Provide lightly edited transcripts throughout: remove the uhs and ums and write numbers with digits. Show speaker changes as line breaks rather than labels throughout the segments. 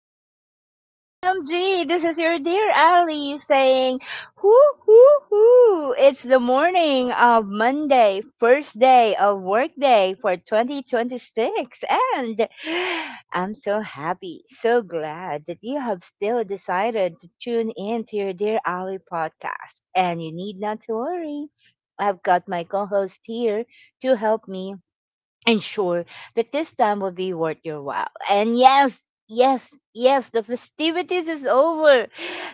recording. OMG, this is your dear Ali saying, whoo, whoo, whoo. It's the morning of Monday, first day of workday for 2026. And I'm so happy, so glad that you have still decided to tune in to your Dear Ali podcast. And you need not to worry. I've got my co host here to help me ensure that this time will be worth your while. And yes, the festivities is over.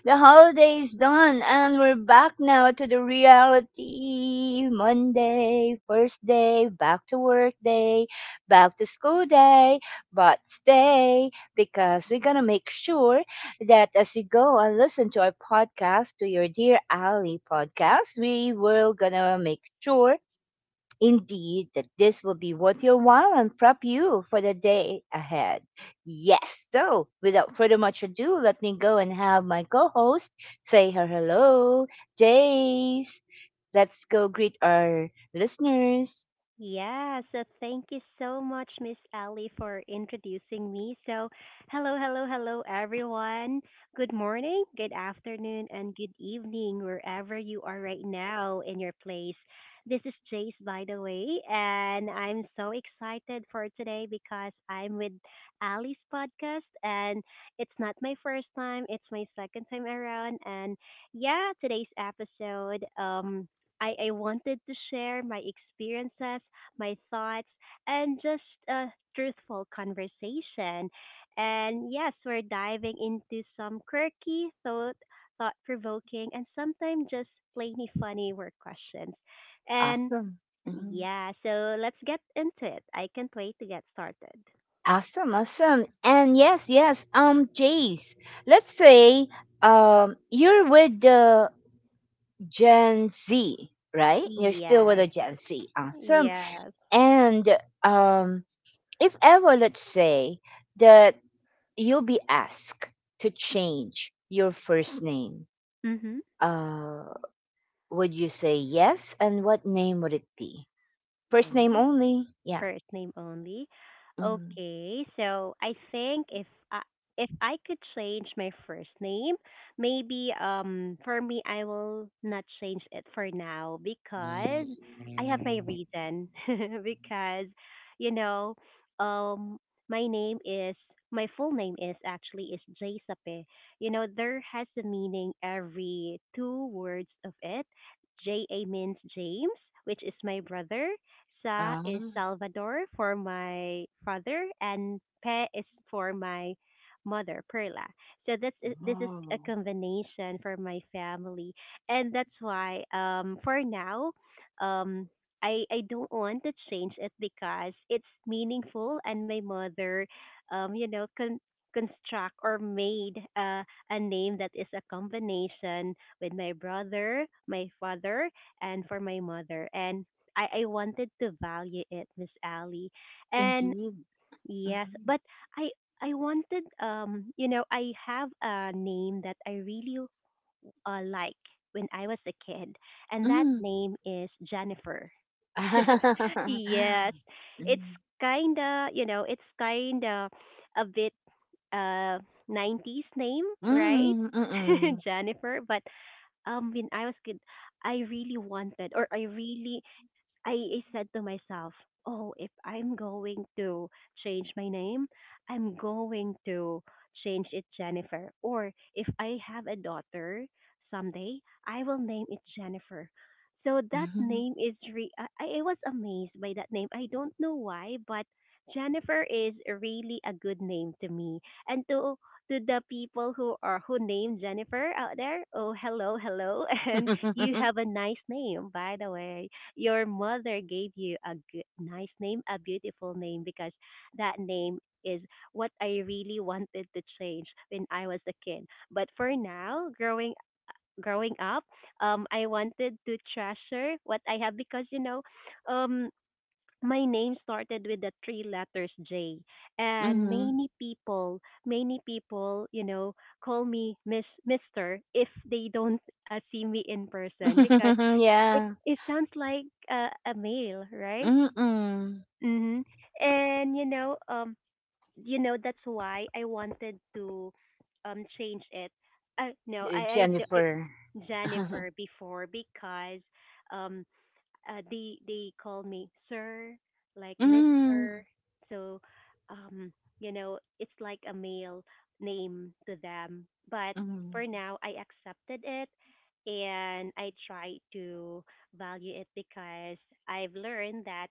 The holiday is done and we're back now to the reality. Monday, first day, back to work day, back to school day, but stay because we're gonna make sure that as you go and listen to our podcast, to your dear Ali podcast, we will gonna make sure Indeed, that this will be worth your while and prep you for the day ahead. Yes, so without further much ado, let me go and have my co host say her hello. Jace, let's go greet our listeners.
Yeah, so thank you so much, Miss Ali, for introducing me. So, hello, hello, hello, everyone. Good morning, good afternoon, and good evening, wherever you are right now in your place. This is Jace, by the way, and I'm so excited for today because I'm with Ali's podcast, and it's not my first time, it's my second time around. And yeah, today's episode, I wanted to share my experiences my thoughts, and just a truthful conversation. And yes, we're diving into some quirky, thought provoking, and sometimes just plainly funny work questions. And
Awesome. Mhm.
yeah, so let's get into it. I can't wait to get started.
Awesome, awesome. And yes, yes, Jace, let's say you're with the Gen Z, right? You're still with
Yes,
the Gen Z. Awesome.
yes.
And um if ever, let's say, that you'll be asked to change your first name, uh, would you say yes? And what name would it be? First name
Mm-hmm.
only? Yeah.
First name only.
Mm-hmm.
Okay, so I think I if I could change my first name, maybe for me I will not change it for now because I have my reason because you know um my name is my full name is actually is J Sape. You know there has a meaning every two words of it. J A means James, which is my brother, Sa is
Ah,
Salvador for my father, and Pe is for my mother, Perla. So this is a
oh,
combination for my family, and that's why for now, um I don't want to change it because it's meaningful, and my mother, you know construct or made a name that is a combination with my brother, my father, and for my mother. And I wanted to value it, Miss Ali. And
indeed.
yes,
Mhm.
but I I wanted you know, I have a name that I really like when I was a kid and that
Mm.
name is Jennifer. Yes. It's
Mm.
kinda a bit uh nineties name, right?
Mm, mm-mm.
Jennifer. But when I was kid I really wanted or I really I said to myself, oh, if I'm going to change my name, I'm going to change it Jennifer. Or if I have a daughter someday, I will name it Jennifer. So that
Mhm.
name is I was amazed by that name. I don't know why, but Jennifer is really a good name to me. And to the people who are who name Jennifer out there, oh hello, hello, and you have a nice name by the way your mother gave you a good, nice name, a beautiful name, because that name is what I really wanted to change when I was a kid. But for now, growing up, I wanted to treasure what I have because um, my name started with the three letters J, and
Mhm.
many people, call me Miss Mister if they don't see me in person because it
Yeah.
it sounds like a male, right?
Mm-mm.
Mhm. And that's why I wanted to change it. No, I, d- I-
Jennifer.
Jennifer before because um they call me sir, like
Mm,
Mister. So, um, you know, it's like a male name to them. But
mhm,
for now, I accepted it, and I try to value it because I've learned that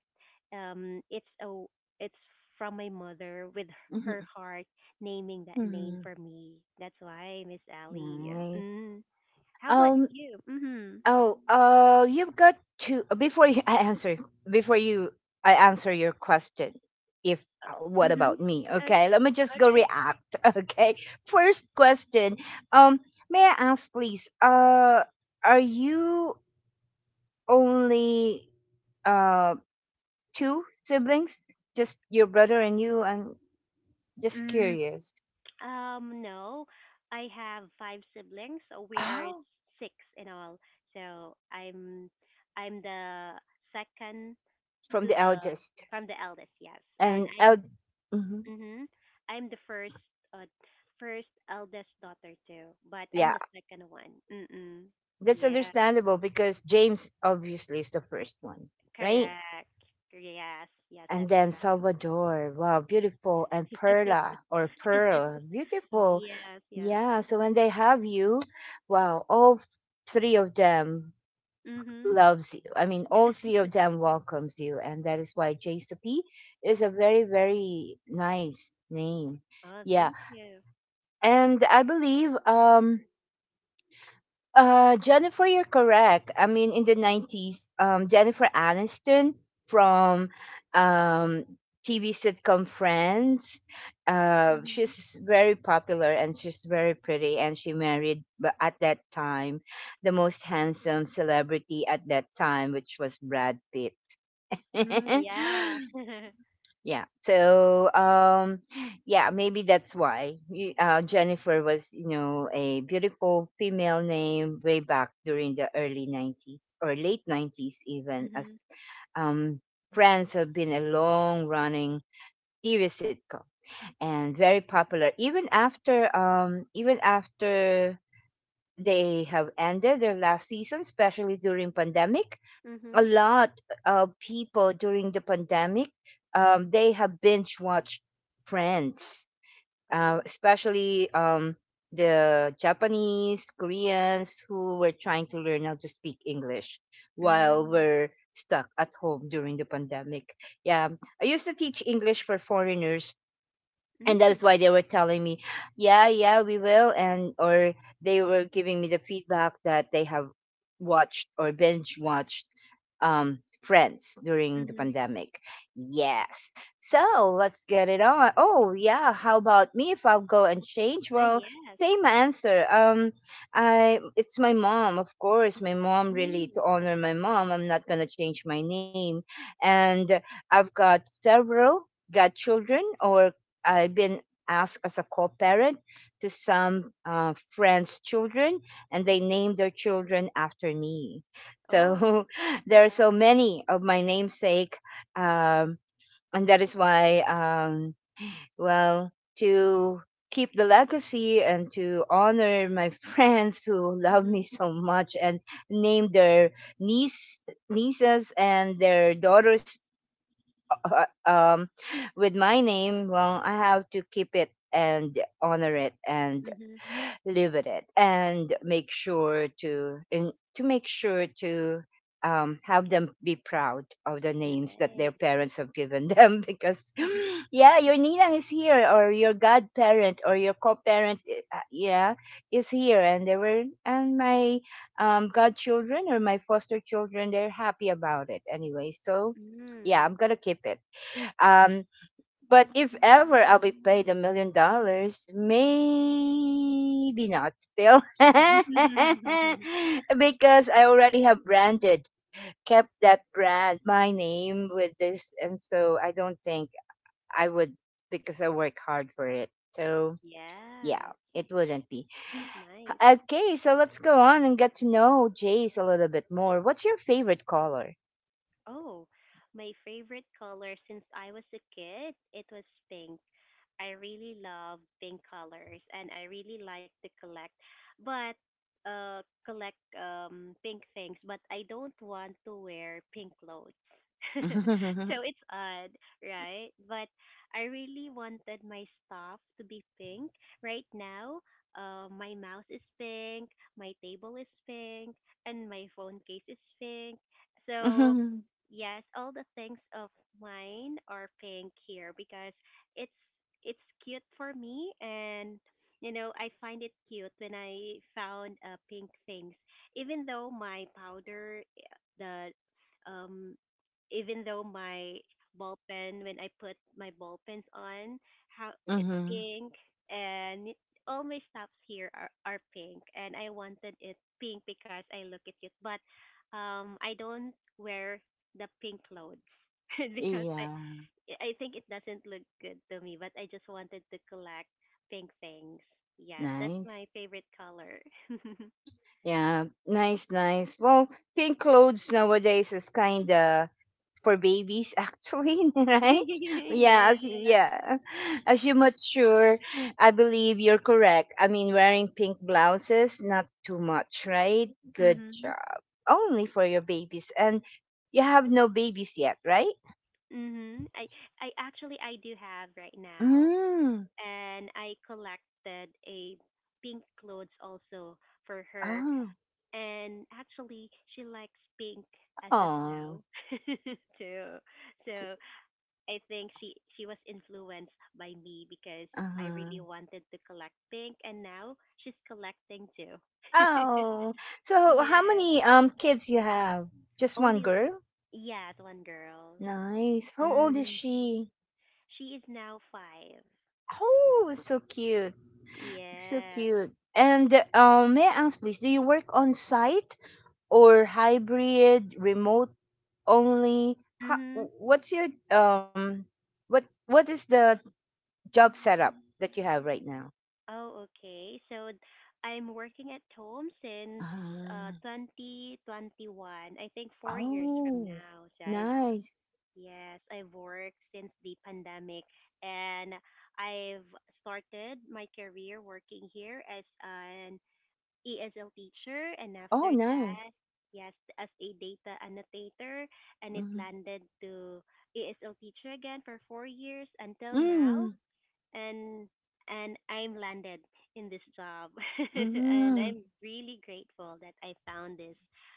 um, it's a it's from my mother with
mhm,
her heart naming that name
mhm.
for me. That's why Miss Ellie.
Nice.
Mm. How about
Um.
you? Mhm.
Oh. You've got to before you, I answer. Before you, I answer your question. If what
Mhm.
about me? Okay.
Okay.
Let me just go
Okay.
react. Okay. First question. Um. May I ask, please? Are you only uh two siblings? Just your brother and you. I'm just
Mm,
curious.
no, I have five siblings, so we are
Oh,
six in all. So I'm the second
from
to
the
the
eldest.
from the eldest, yes, and
and L- Mhm.
mm-hmm, I'm the first uh, first eldest daughter too, but I'm
Yeah,
the second one. Mm-mm.
that's
Yeah,
understandable because James obviously is the first one, right?
correct. Yes, yes,
And
that's
then
right.
Salvador, wow, beautiful, and Perla or Pearl, beautiful,
Yes, yes.
yeah. So when they have you, wow, three of them
Mm-hmm.
loves you. I mean, all three of them welcomes you, and that is why JCP is a very nice name,
Oh,
yeah.
thank you.
And I believe uh, Jennifer, you're correct. I mean, in the 90s, Jennifer Aniston from um, TV sitcom Friends,
Mhm.
she's very popular and she's very pretty. And she married at that time the most handsome celebrity at that time, which was Brad Pitt.
Mm, yeah.
Yeah. So, yeah, maybe that's why Jennifer was, you know, a beautiful female name way back during the early 90s or late 90s, even
Mm-hmm.
as um, Friends have been a long running TV sitcom and very popular even after, even after they have ended their last season, especially during pandemic
Mm-hmm.
a lot of people during the pandemic they have binge watched friends
Oh.
especially the japanese koreans who were trying to learn how to speak english while
Mm-hmm.
we're stuck at home during the pandemic. Yeah, I used to teach english for foreigners and
Mm-hmm.
that's why they were telling me yeah yeah we will and or they were giving me the feedback that they have watched or binge watched friends during the
Mm-hmm.
pandemic. Yes, so let's get it on. Oh yeah, how about me if I'll go and change? Well,
Yes.
same answer. I it's my mom, of course, my mom.
Mm,
Really, to
wow.
honor my mom I'm not going to change my name. And I've got several godchildren or I've been asked as a co-parent to some friends' children, and they named their children after me.
Oh,
So there are
wow.
so many of my namesake, um, and that is why, well, to keep the legacy and to honor my friends who love
Mm-hmm.
me so much and name their niece nieces and their daughters uh, um, with my name, well, I have to keep it and honor it and
Mm-hmm.
live with it and make sure to have them be proud of the names that their
Nice.
parents have given them because yeah, your ninang is here, or your godparent, or your co-parent yeah is here, and they were and my godchildren or my foster children they're happy about it anyway. So yeah,
Mm.
I'm gonna keep it,
Wow.
um, but if ever I'll be paid $1 million, maybe not still. because I already have branded, kept that brand, my name with this. And so I don't think I would, because I work hard for it. So yeah,
Yes.
it wouldn't be.
Nice.
Okay, so let's go on and get to know Jace a little bit more. What's your favorite color?
Oh, my favorite color since I was a kid, it was pink. I really love pink colors and I really like to collect but collect pink things, but I don't want to wear pink clothes. So it's odd, right? But I really wanted my stuff to be pink. Right now, my mouse is pink, my table is pink, and my phone case is pink. So
Mm-hmm.
yes, all the things of mine are pink here because it's it's cute for me and you know, I find it cute when I found pink things. Even though my powder uh, the um Even though my ball pen when I put my ball pens on, how it's pink and all my stuffs here are pink and I wanted it pink because I look at it. Cute. But I don't wear the pink clothes because
Yeah.
I think it doesn't look good to me, but I just wanted to collect pink things. Yes, that's
Nice.
my favorite color.
Yeah, nice, nice. Well, pink clothes nowadays is kind of for babies, actually, right?
Yeah.
Yeah, as you mature, I believe you're correct. I mean, wearing pink blouses, not too much, right? Good
Mhm.
job. Only for your babies, and you have no babies yet, right?
Mhm. I actually I do have right now,
Mm.
and I collected a pink clothes also for her,
Oh,
and actually she likes pink as of
oh,
now too. So I think she was influenced by me because I
uh-huh.
really wanted to collect pink, and now she's collecting too.
Oh. So, how
Yeah.
many kids you have? Just one
Only
girl?
yes, one girl.
Nice. How old is
Mm,
she?
she is now five.
Oh, so cute. So
Yes.
cute. And may I ask, please, do you work on site or hybrid, remote only? How,
Mhm.
what's your what is the job setup that you have right now?
Oh, okay. So I'm working at home since
Ah,
2021. I think 4 years from
oh,
now. So I've
nice.
yes, I've worked since the pandemic and I've started my career working here as an ESL teacher and
Oh,
after
nice.
that, yes, as a data annotator and it
Mm,
landed to ESL teacher again for 4 years until now
mm,
and I'm landed in this job. And
mm,
I'm really grateful that I found this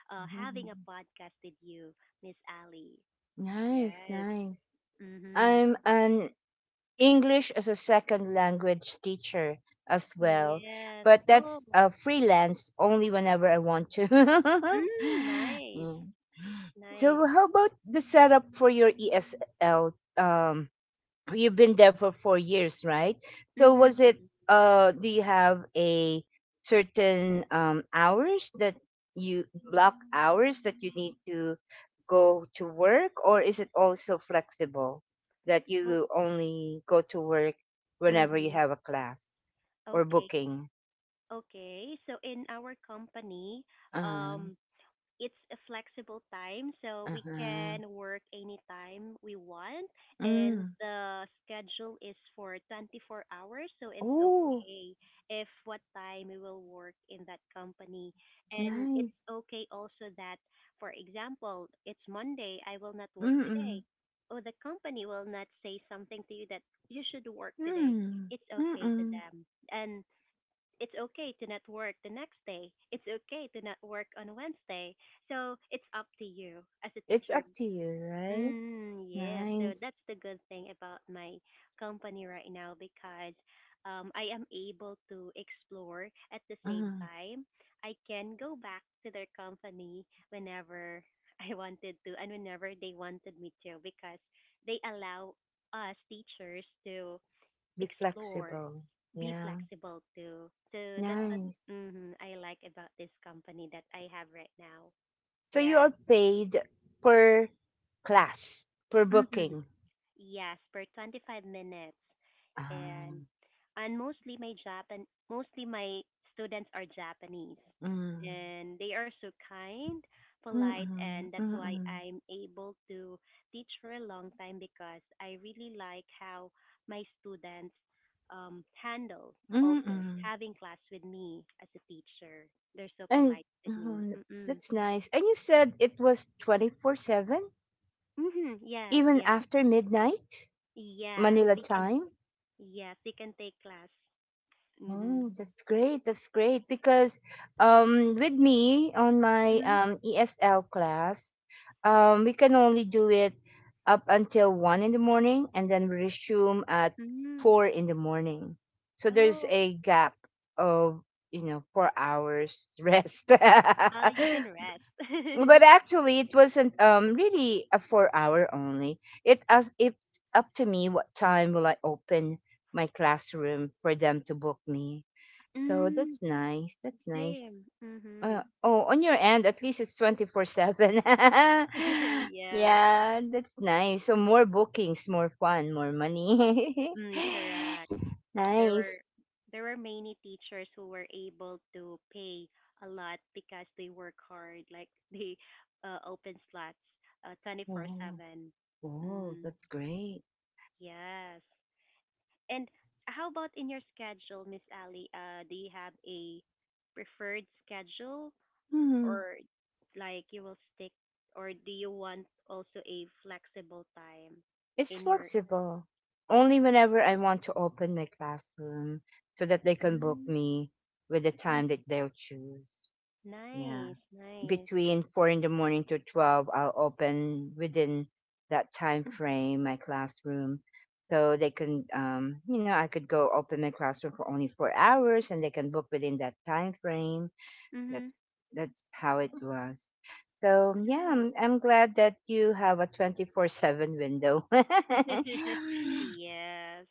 having a
mm.
podcast with you, Miss Ali.
Nice,
Yes.
nice.
Mm-hmm.
I'm an English as a second language teacher as well.
Yes.
But
Oh.
that's freelance only whenever I want to.
Mm, nice.
Mm.
Nice.
So, how about the setup for your ESL? You've been there for 4 years, right? So was it?
Mm-hmm.
Do you have a certain hours that you block hours that you need to go to work, or is it also flexible that
Oh.
you only go to work whenever you
Mm-hmm.
have a class or
Okay.
booking?
Okay. So in our company,
Um,
um, it's a flexible time, so we
uh-huh.
can work anytime we want, and
Mm.
the schedule is for 24 hours, so it's
Oh,
okay if what time we will work in that company. And it's
nice.
okay also that, for example, it's Monday, I will not work
Mm-mm.
today. Or the company will not say something to you that you should work today.
Mm.
It's okay to
Mm-mm.
them. And it's okay to not work the next day. It's okay to not work on Wednesday. So it's up to you as a
It's
teacher.
up to you, right?
Mm, yeah. So
Nice.
that's the good thing about my company right now because I am able to explore at the same
Mm,
time. I can go back to their company whenever I wanted to and whenever they wanted me to because they allow us teachers to
be
explore,
flexible.
be
Yeah,
flexible too. So that's what
nice.
mhm, I like about this company that I have right now.
So you
Yeah.
are paid per class, per
Hmm,
booking.
yes, for 25 minutes. And
Um,
mostly my students are Japanese.
mm,
And they are so kind, polite,
mm-mm,
and that's why
mm-mm,
I'm able to teach for a long time because I really like how my students handle also
mm-mm.
having class with me as a teacher. They're so
And
polite with me.
mm,
Mm-mm.
that's nice. And you said it was 24/7,
Mm-hmm. Yes,
even
yes,
after midnight,
yes.
Manila
We can.
time.
Yes, we can take class. Mm-hmm.
Oh, that's great. That's great. Because with me on my
Mhm.
ESL class, um, we can only do it up until 1 in the morning, and then we resume at
Mm.
4 in the morning. So there's
Oh,
a gap of you know 4 hours rest. But
you can rest.
actually, it wasn't really a 4 hour only. It as if it's up to me what time will I open my classroom for them to book me. So
Mm.
that's nice. That's nice.
Same. Mhm.
Oh, on your end, at least it's 24/7.
Yes.
Yeah, that's nice. So more bookings, more fun, more money.
Mm, correct. There
Nice.
were there were many teachers who were able to pay a lot because they work hard, like they open slots
Oh,
24/7.
oh,
Mm,
that's great.
yes. And how about in your schedule, Miss Ali? Do you have a preferred schedule
Hmm.
or like you will stick or do you want also a flexible time
It's
in your
flexible. Only
oh
whenever I want to open my classroom so that they can book
mm,
me with the
oh
time that they'll choose. Yeah.
nice nice
Between 4 in the morning to 12 I'll open within that time frame my classroom so they can you know, I could go open my classroom for only 4 hours and they can book within that time frame.
mhm
that's that's how it was. So yeah
nice
I'm glad that you have a 24/7 window.
yes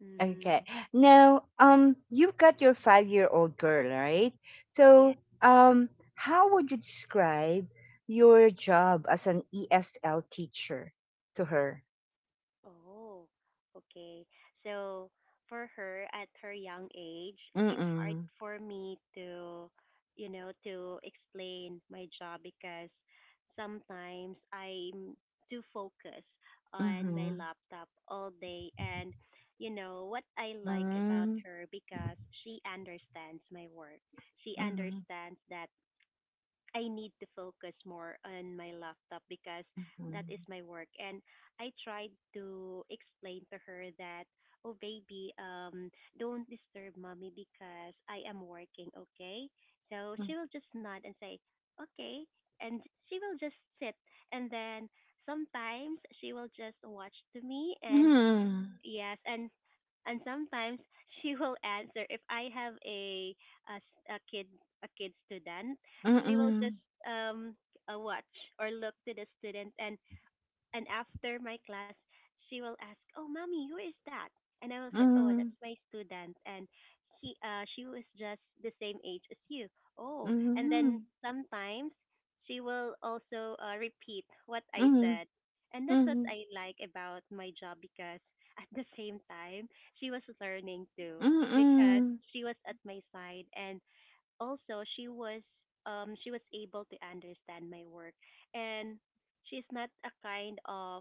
mhm
Okay. Now, you've got your 5-year-old girl, right?
yes.
So, um, how would you describe your job as an ESL teacher to her?
Oh, okay. So for her at her young age, it's hard
Mm-mm.
for me to, you know, to explain my job because sometimes I'm too focused on my
Mm-hmm.
laptop all day. And, you know, what I like about
Mm-hmm.
her because she understands my work. She
Mm-hmm.
understands that I need to focus more on my laptop because that is my work. And I tried to explain to her that, oh, baby, don't disturb mommy because I am working, okay? So she will just nod and say, okay. And she will just sit. And then sometimes she will just watch to me and
Mm-hmm.
yes, and sometimes she will answer if I have a, s- a kid a kid student, she will
Mm-hmm.
just um watch or look to the student and after my class, she will ask, "Oh, mommy, who is that?" And I will say, "Oh,
Mm-hmm.
that's my student." And she was just the same age as you. Oh, and then
Mm-hmm.
sometimes she will also repeat what I
Mm-hmm.
said, and that's what
Mm-hmm.
I like about my job because at the same time she was learning too because
Mm-mm.
she was at my side and also she was able to understand my work and she's not a kind of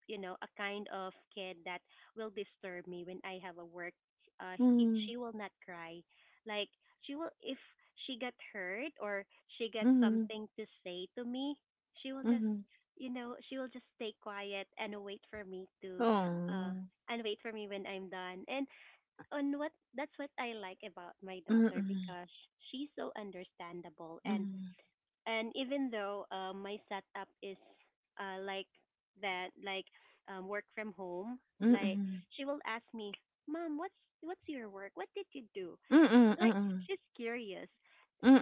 a kind of kid that will disturb me when I have a work.
Mm-mm.
She will not cry. Like, she will if she got hurt or she got
Mm-mm.
something to say to me, she will just
Mm-mm.
she will just stay quiet and wait for me to uh
Oh.
and wait for me when I'm done. And and what that's what I like about my daughter
Mm-mm.
because she's so understandable. and
Mm-mm.
and even though my setup is like that, like work from home, like
Mm-mm.
she will ask me, "Mom, what's your work? What did you do?"
Mm, mm,
Like,
mm,
she's curious.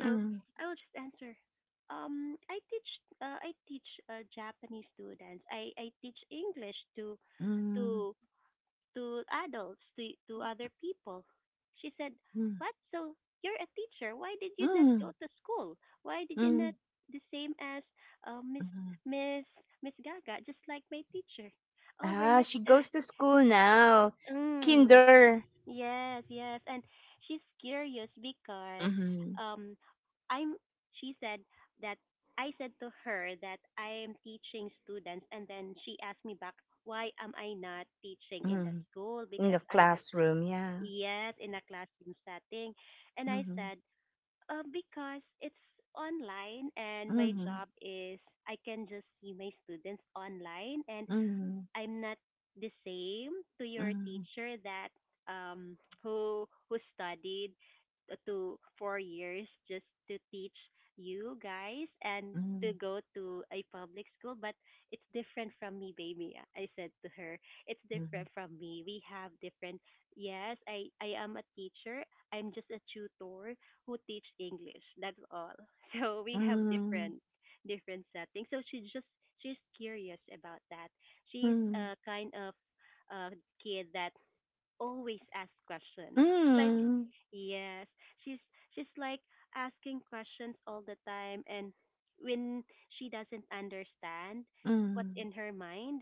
So I will just answer, "I teach I teach Japanese students. I teach English
mm,
to to adults, to other people." She said, "What? So you're a teacher. Why did you not go
mm,
to school? Why did you
mm,
not the same as Miss
mhm.
Miss Miss Gaga, just like my teacher? Oh, we're
Ah,
not."
she goes to school now.
Mm.
Kinder.
Yes, yes. And she's curious because
Mhm,
um I'm she said that I said to her that I am teaching students, and then she asked me back why am I not teaching in the
mhm.
school
In
because
the
I'm at the
classroom, yeah.
yes in a classroom setting. And I
Mhm,
said, "Because it's online and my
mhm,
job is I can just see my students online, and
mhm,
I'm not the same to your
mhm,
teacher that um who studied to 4 years just to teach you guys and to
mhm,
go to a public school. But it's different from me, baby," I said to her, "it's different from me. We have different yes I am a teacher. I'm just a tutor who teach English. That's all." So we have
mhm,
different different settings, so she just she's curious about that. She's
mhm,
a kind of uh, kid that always asks questions. Like,
mhm,
yes, she's she's like asking questions all the time, and when she doesn't understand what's
mhm,
in her mind,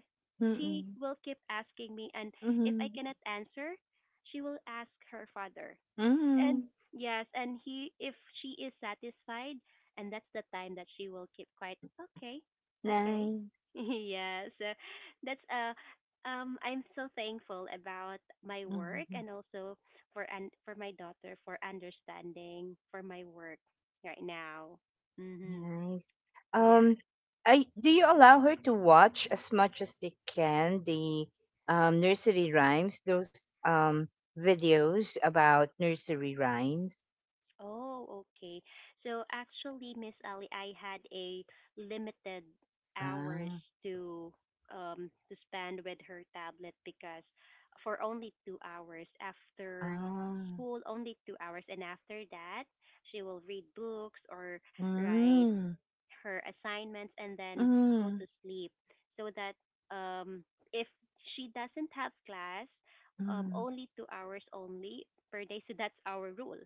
she
mhm,
will keep asking me, and
mhm,
if I
mhm,
cannot answer, she will ask her father. And
mhm.
yes, and he if she is satisfied, and that's the time that she will keep quiet. Okay, okay.
Nice.
Yeah, so that's I'm so thankful about my work,
Mm-hmm.
and also for and for my daughter for understanding for my work right now. Mhm.
Nice.
Yeah.
Um, I do you allow her to watch as much as they can the nursery rhymes, those videos about nursery rhymes?
Oh, okay. So actually, Miss Ali, I had a limited hours
Ah,
to to spend with her tablet because for only 2 hours after
ah,
school, only 2 hours, and after that she will read books or write
mm,
her assignments and then go to
mm,
sleep, so that um if she doesn't have class,
mm,
only 2 hours only per day. So that's our rule.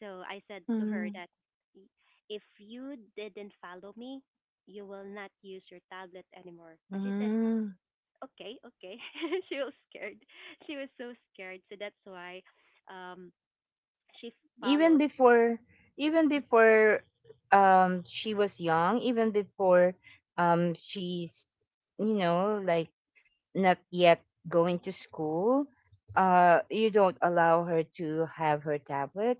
So I said to her
mm,
that, "Y- if you didn't follow me, you will not use your tablet anymore." And she said,
mm.
"Okay, okay." She was scared, she was so scared, so that's why um she
Even
followed.
before, even before she was young, even before she's you know like not yet going to school, you don't allow her to have her tablet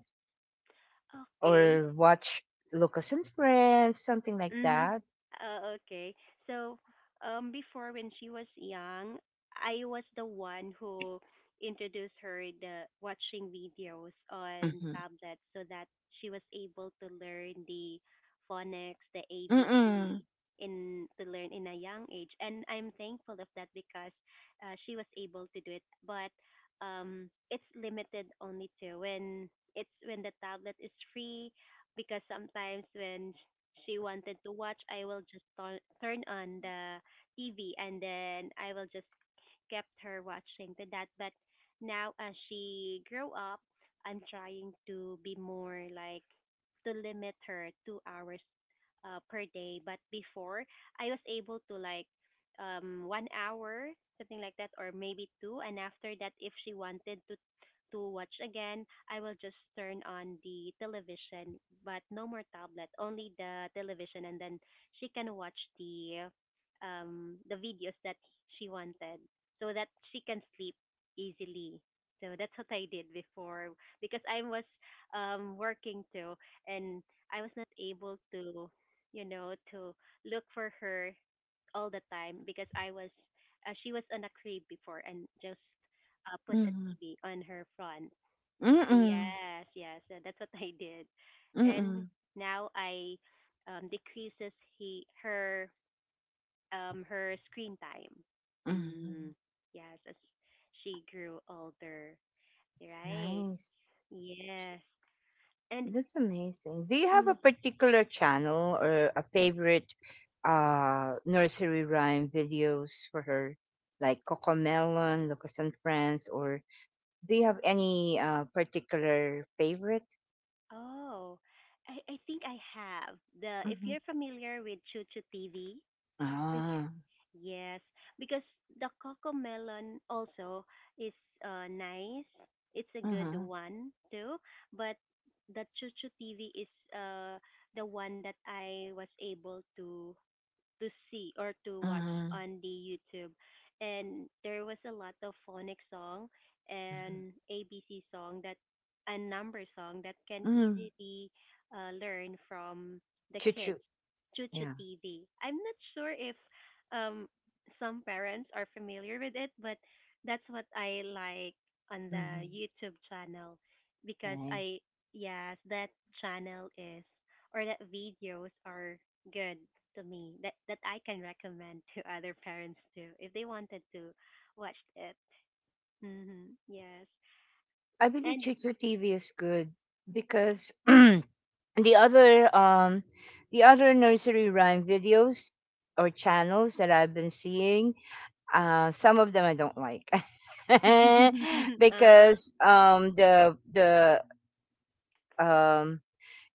Okay.
or watch Lucas and Friends, something like
Mm-hmm.
that?
Okay. So, before when she was young, I was the one who introduced her the watching videos on
Mm-hmm.
tablets so that she was able to learn the phonics, the ABC
Mm-mm.
in to learn in a young age. And I'm thankful of that because she was able to do it. But it's limited only to when it's when the tablet is free because sometimes when she wanted to watch, I will just turn on the TV and then I will just kept her watching to that. But now as she grew up, I'm trying to be more like to limit her 2 hours per day. But before, I was able to like 1 hour something like that or maybe two, and after that if she wanted to watch again I will just turn on the television. But no more tablet, only the television, and then she can watch the videos that she wanted so that she can sleep easily. So that's what I did before because I was working too, and I was not able to, you know, to look for her all the time because I was she was on a crib before and just put a
Mm-mm.
TV on her front.
Mm-mm.
Yes, yes, that's what I did, and
Mm-mm.
now I decreases he her her screen time. Mm.
Mm-mm.
Yes, as she grew older. Right.
Nice.
Yes. And
That's amazing. Do you have
mm,
a particular channel or a favorite nursery rhyme videos for her, like Cocomelon, Lucas and Friends, or do you have any particular favorite?
oh, I think I have the if
Mhm.
you're familiar with Chuchu TV. Which-
Ah.
yes, because the Melon also is nice. It's a
Uh
good
huh.
one too, but the Chuchu TV is uh the one that I was able to see or to watch
Mhm,
on the YouTube. And there was a lot of phonic song
mhm, mhm.
and ABC song that a number song that can
Mm,
easily learn from the kids.
Chuchu.
Chuchu
Yeah.
TV. I'm not sure if um some parents are familiar with it, but that's what I like on the
Mhm,
YouTube channel because
right.
I yes, that channel is or that videos are good to me that that I can recommend to other parents too if they wanted to watch it. Hmm. Yes,
I believe
and
Chuchu TV is good because other um the other nursery rhyme videos or channels that I've been seeing, uh, some of them I don't like.
uh,
Because the um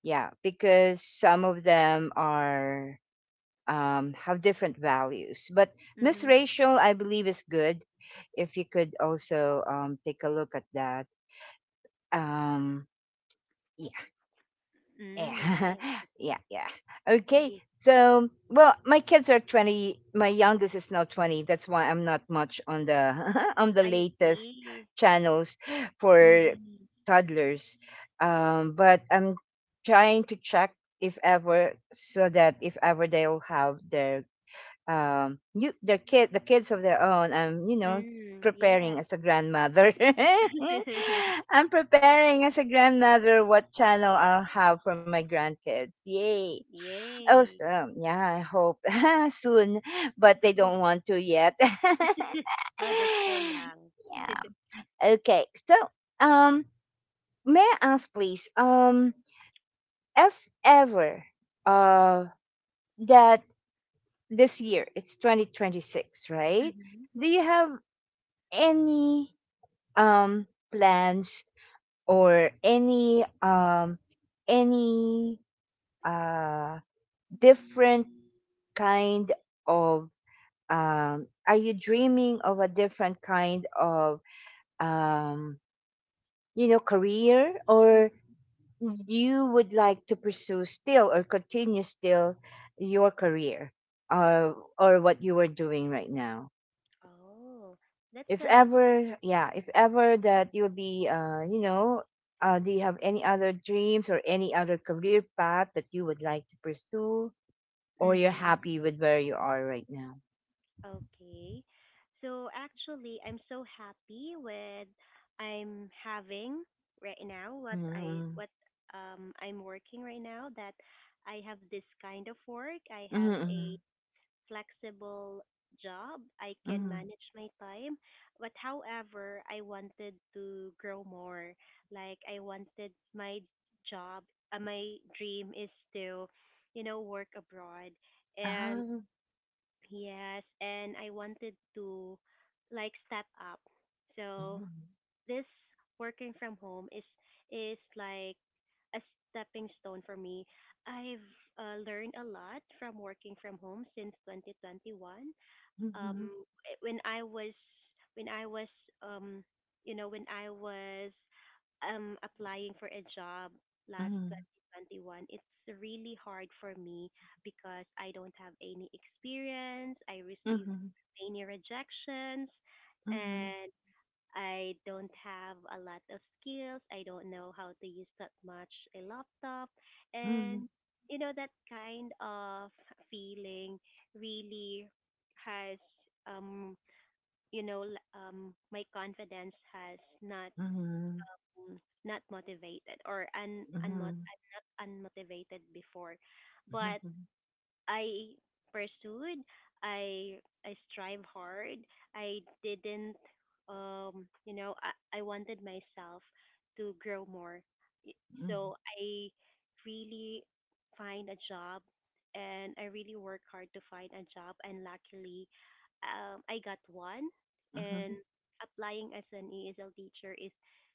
yeah, because some of them are have different values. But Miss
hmm,
Rachel, I believe, is good. If you could also take a look at that. Um, yeah,
mm,
yeah,
nice.
yeah, yeah. Okay.
Ye-
So, well, my kids are 20. My youngest is now 20. That's why I'm not much on the on the
I
latest
see.
channels for
Mm-hmm.
toddlers. But I'm trying to check if ever, so that if ever they'll have their you their kid the kids of their own, I'm
Mm, yes.
preparing as a grandmother, I'm preparing as a grandmother what channel I'll have for my grandkids. Yay,
Yay!
awesome, yeah, I hope soon, but they don't
Soon.
want to yet.
Oh, they're still young.
Yeah, okay, so um may I ask, please, if ever uh that this year it's 2026, right?
Hmm.
Do you have any um plans or any any uh different kind of are you dreaming of a different kind of um career, or you would like to pursue still or continue still your career, or what you are doing right now?
Oh, that's
If
a.
ever, yeah, if ever that you'll be do you have any other dreams or any other career path that you would like to pursue, or you're
Mm-hmm.
happy with where you are right now?
Okay. So actually, I'm so happy with I'm having right now what I
Mm,
what I'm working right now, that I have this kind of work. I have a
mm,
flexible job. I can
mm,
manage my time. But however, I wanted to grow more. Like, I wanted my job, my dream is to, you know, work abroad. And
ah,
yes, and I wanted to like step up. So
mm,
this working from home is like a stepping stone for me. I've learned a lot from working from home since 2021, um
mhm,
when I was when I was um you know when I was applying for a job last
mhm,
2021, it's really hard for me because I don't have any experience. I received
mhm,
many rejections,
mhm,
and I don't have a lot of skills. I don't know how to use that much a laptop.
mhm,
And you know that kind of feeling really has um you know my confidence has not
mhm,
not motivated or
mhm,
unmotivated before. But
mhm,
I pursued. I I strive hard. I didn't you know I wanted myself to grow more. Y- So I really find a job, and I really work hard to find a job, and luckily I got one. And
mhm,
applying as an ESL teacher is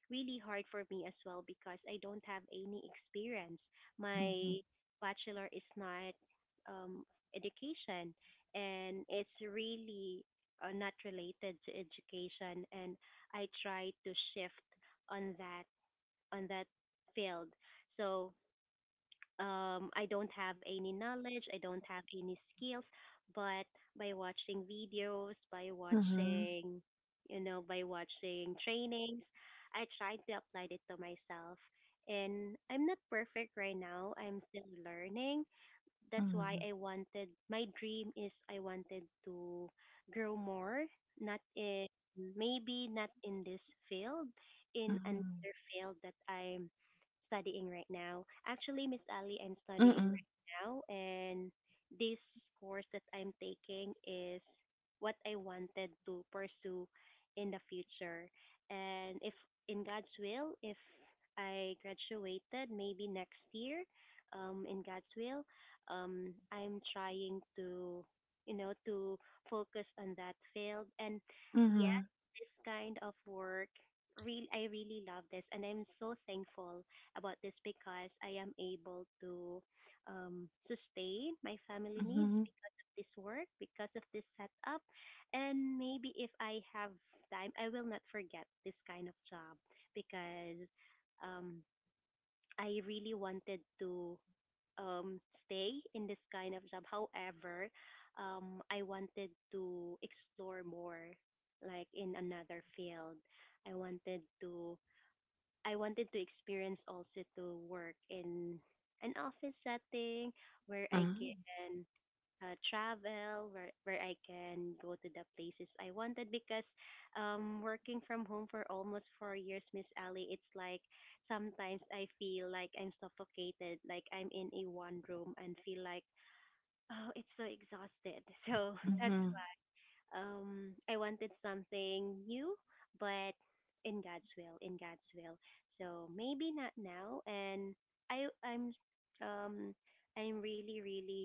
really hard for me as well because I don't have any experience. My
mhm,
bachelor is not um, education, and it's really not related to education. And I try to shift on that on that field. So I don't have any knowledge, I don't have any skills, but by watching videos, by
mhm,
watching, you know, by watching trainings, I tried to apply it to myself. And I'm not perfect right now. I'm still learning, that's
mhm,
why
mhm,
I wanted my dream is I wanted to grow more, not in maybe not in this field, in
mhm,
another field that I'm studying right now. Actually, Miss Ali, I'm studying
mhm,
right now, and this course that I'm taking is what I wanted to pursue in the future. And if in God's will, if I graduated maybe next year, in God's will, I'm trying to, you know, to focus on that field. And yes,
mhm,
this kind of work, I really love this, and I'm so thankful about this because I am able to sustain my family needs
mhm,
because of this work, because of this setup, and maybe if I have time, I will not forget this kind of job because um, I really wanted to um, stay in this kind of job. However, I wanted to explore more, like in another field. I wanted to I wanted to experience also to work in an office setting where I can travel where I can go to the places I wanted because working from home for almost 4 years, Miss Ali, it's like sometimes I feel like I'm suffocated, like I'm in a one room and feel like, oh, it's so exhausted. So
mhm,
that's
mhm.
I wanted something new, but in God's will, in God's will. So maybe not now, and I I'm um I'm really really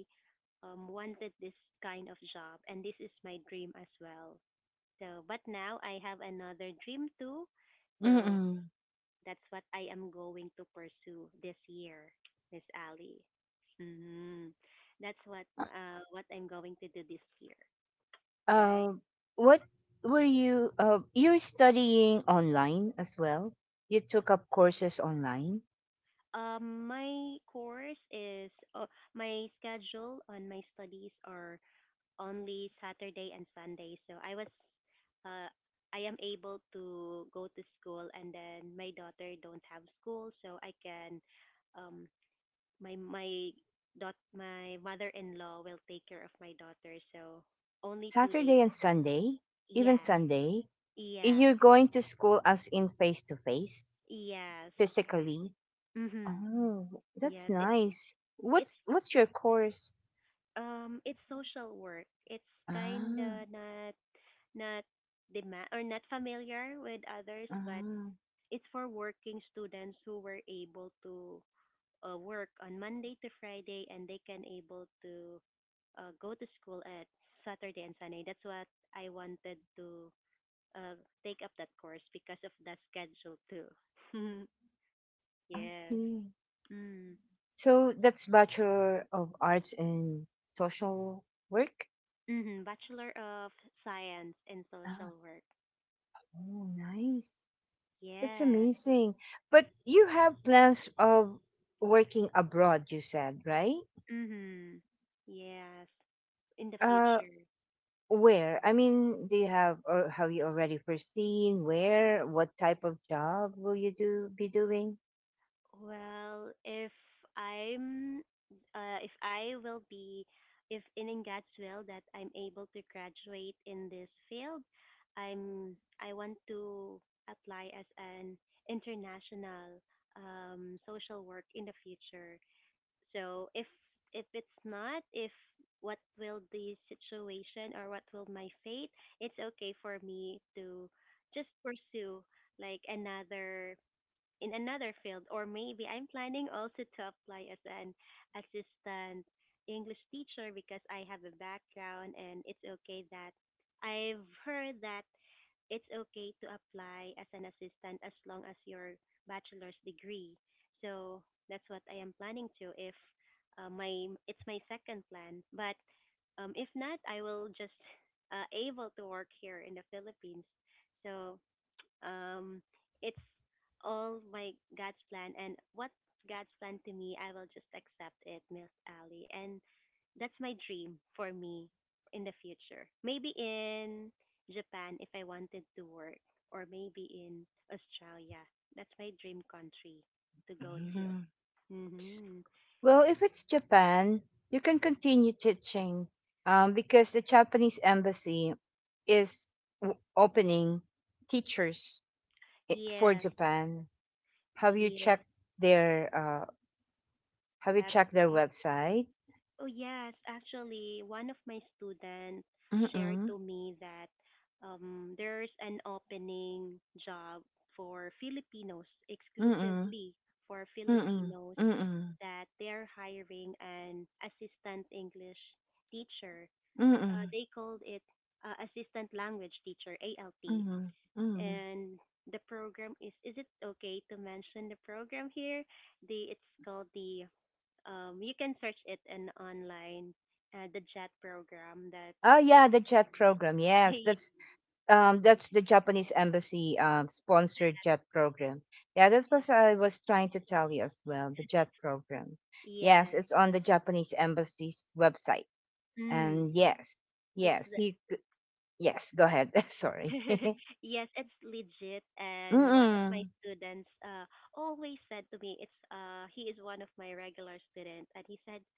wanted this kind of job, and this is my dream as well. So but now I have another dream too. So
Mm.
that's what I am going to pursue this year, Miss Ali. Mhm. That's what I'm going to do this year, right?
Uh, what were you? You're studying online as well. You took up courses online.
My course is my schedule on my studies are only Saturday and Sunday. So I was, uh, I am able to go to school, and then my daughter don't have school, so I can, um, my my my mother-in-law will take care of my daughter. So only 2 days.
Saturday and Sunday, even
Yes,
Sunday,
yes,
you're going to school, as in face to face.
yes.
Physically?
Mhm.
Oh,
Yes.
that's nice.
It's
What's your course?
it's social work. It's kinda
Ah,
not demand or not familiar with others, but
ah,
it's for working students who were able to work on Monday to Friday, and they can able to go to school at Saturday and Sunday. That's what I wanted to uh, take up that course because of the schedule too.
I
Yes.
see.
Mm.
So that's Bachelor of Arts in Social Work?
Mm-hmm. Bachelor of Science in Social
Ah,
Work.
oh, nice. That's
Yes.
amazing. But you have plans of working abroad, you said, right?
Mhm. Yes, in the future.
Uh, where? I mean, do you have or have you already foreseen where? What type of job will you do be doing?
Well, if I'm, if I will be, if in God's will that I'm able to graduate in this field, I want to apply as an international social work in the future. So if it's not, if what will the situation or what will my fate, it's okay for me to just pursue like another in another field, or maybe I'm planning also to apply as an assistant English teacher because I have a background, and it's okay that I've heard that it's okay to apply as an assistant as long as your bachelor's degree. So that's what I am planning to if my it's my second plan. But if not, I will just able to work here in the Philippines. So um, it's all my God's plan, and what's God's plan to me, I will just accept it, Miss Ali. And that's my dream for me in the future. Maybe in Japan if I wanted to work, or maybe in Australia. That's my dream country to go to. Mm-hmm.
Well, if it's Japan, you can continue teaching, because the Japanese embassy is opening teachers for
Yes,
Japan. Have you
yes,
checked their have you checked their
website.
website?
Oh yes, actually, one of my students shared
Mm-mm,
to me that there's an opening job for Filipinos,
mm-mm,
exclusively for
mm-mm,
Filipinos,
mm-mm,
that they're hiring an assistant English teacher.
mm-mm,
They called it assistant language teacher, ALT.
mm-mm, mm-mm.
And the program is it okay to mention the program here? It's called the you can search it in online, the JET program. That's
Oh
for
yeah, the JET program. Yes,
yes,
that's
yes,
the Japanese embassy sponsored JET program. Yeah, that's what I was trying to tell you as well. The JET program. Yes,
yes.
it's on the Japanese embassy's website.
Mm,
And yes,
it's
yes,
the
you c- yes. Go ahead. Sorry.
yes, it's legit. And one of
Mm-mm,
my students always said to me, it's he is one of my regular students, and he said,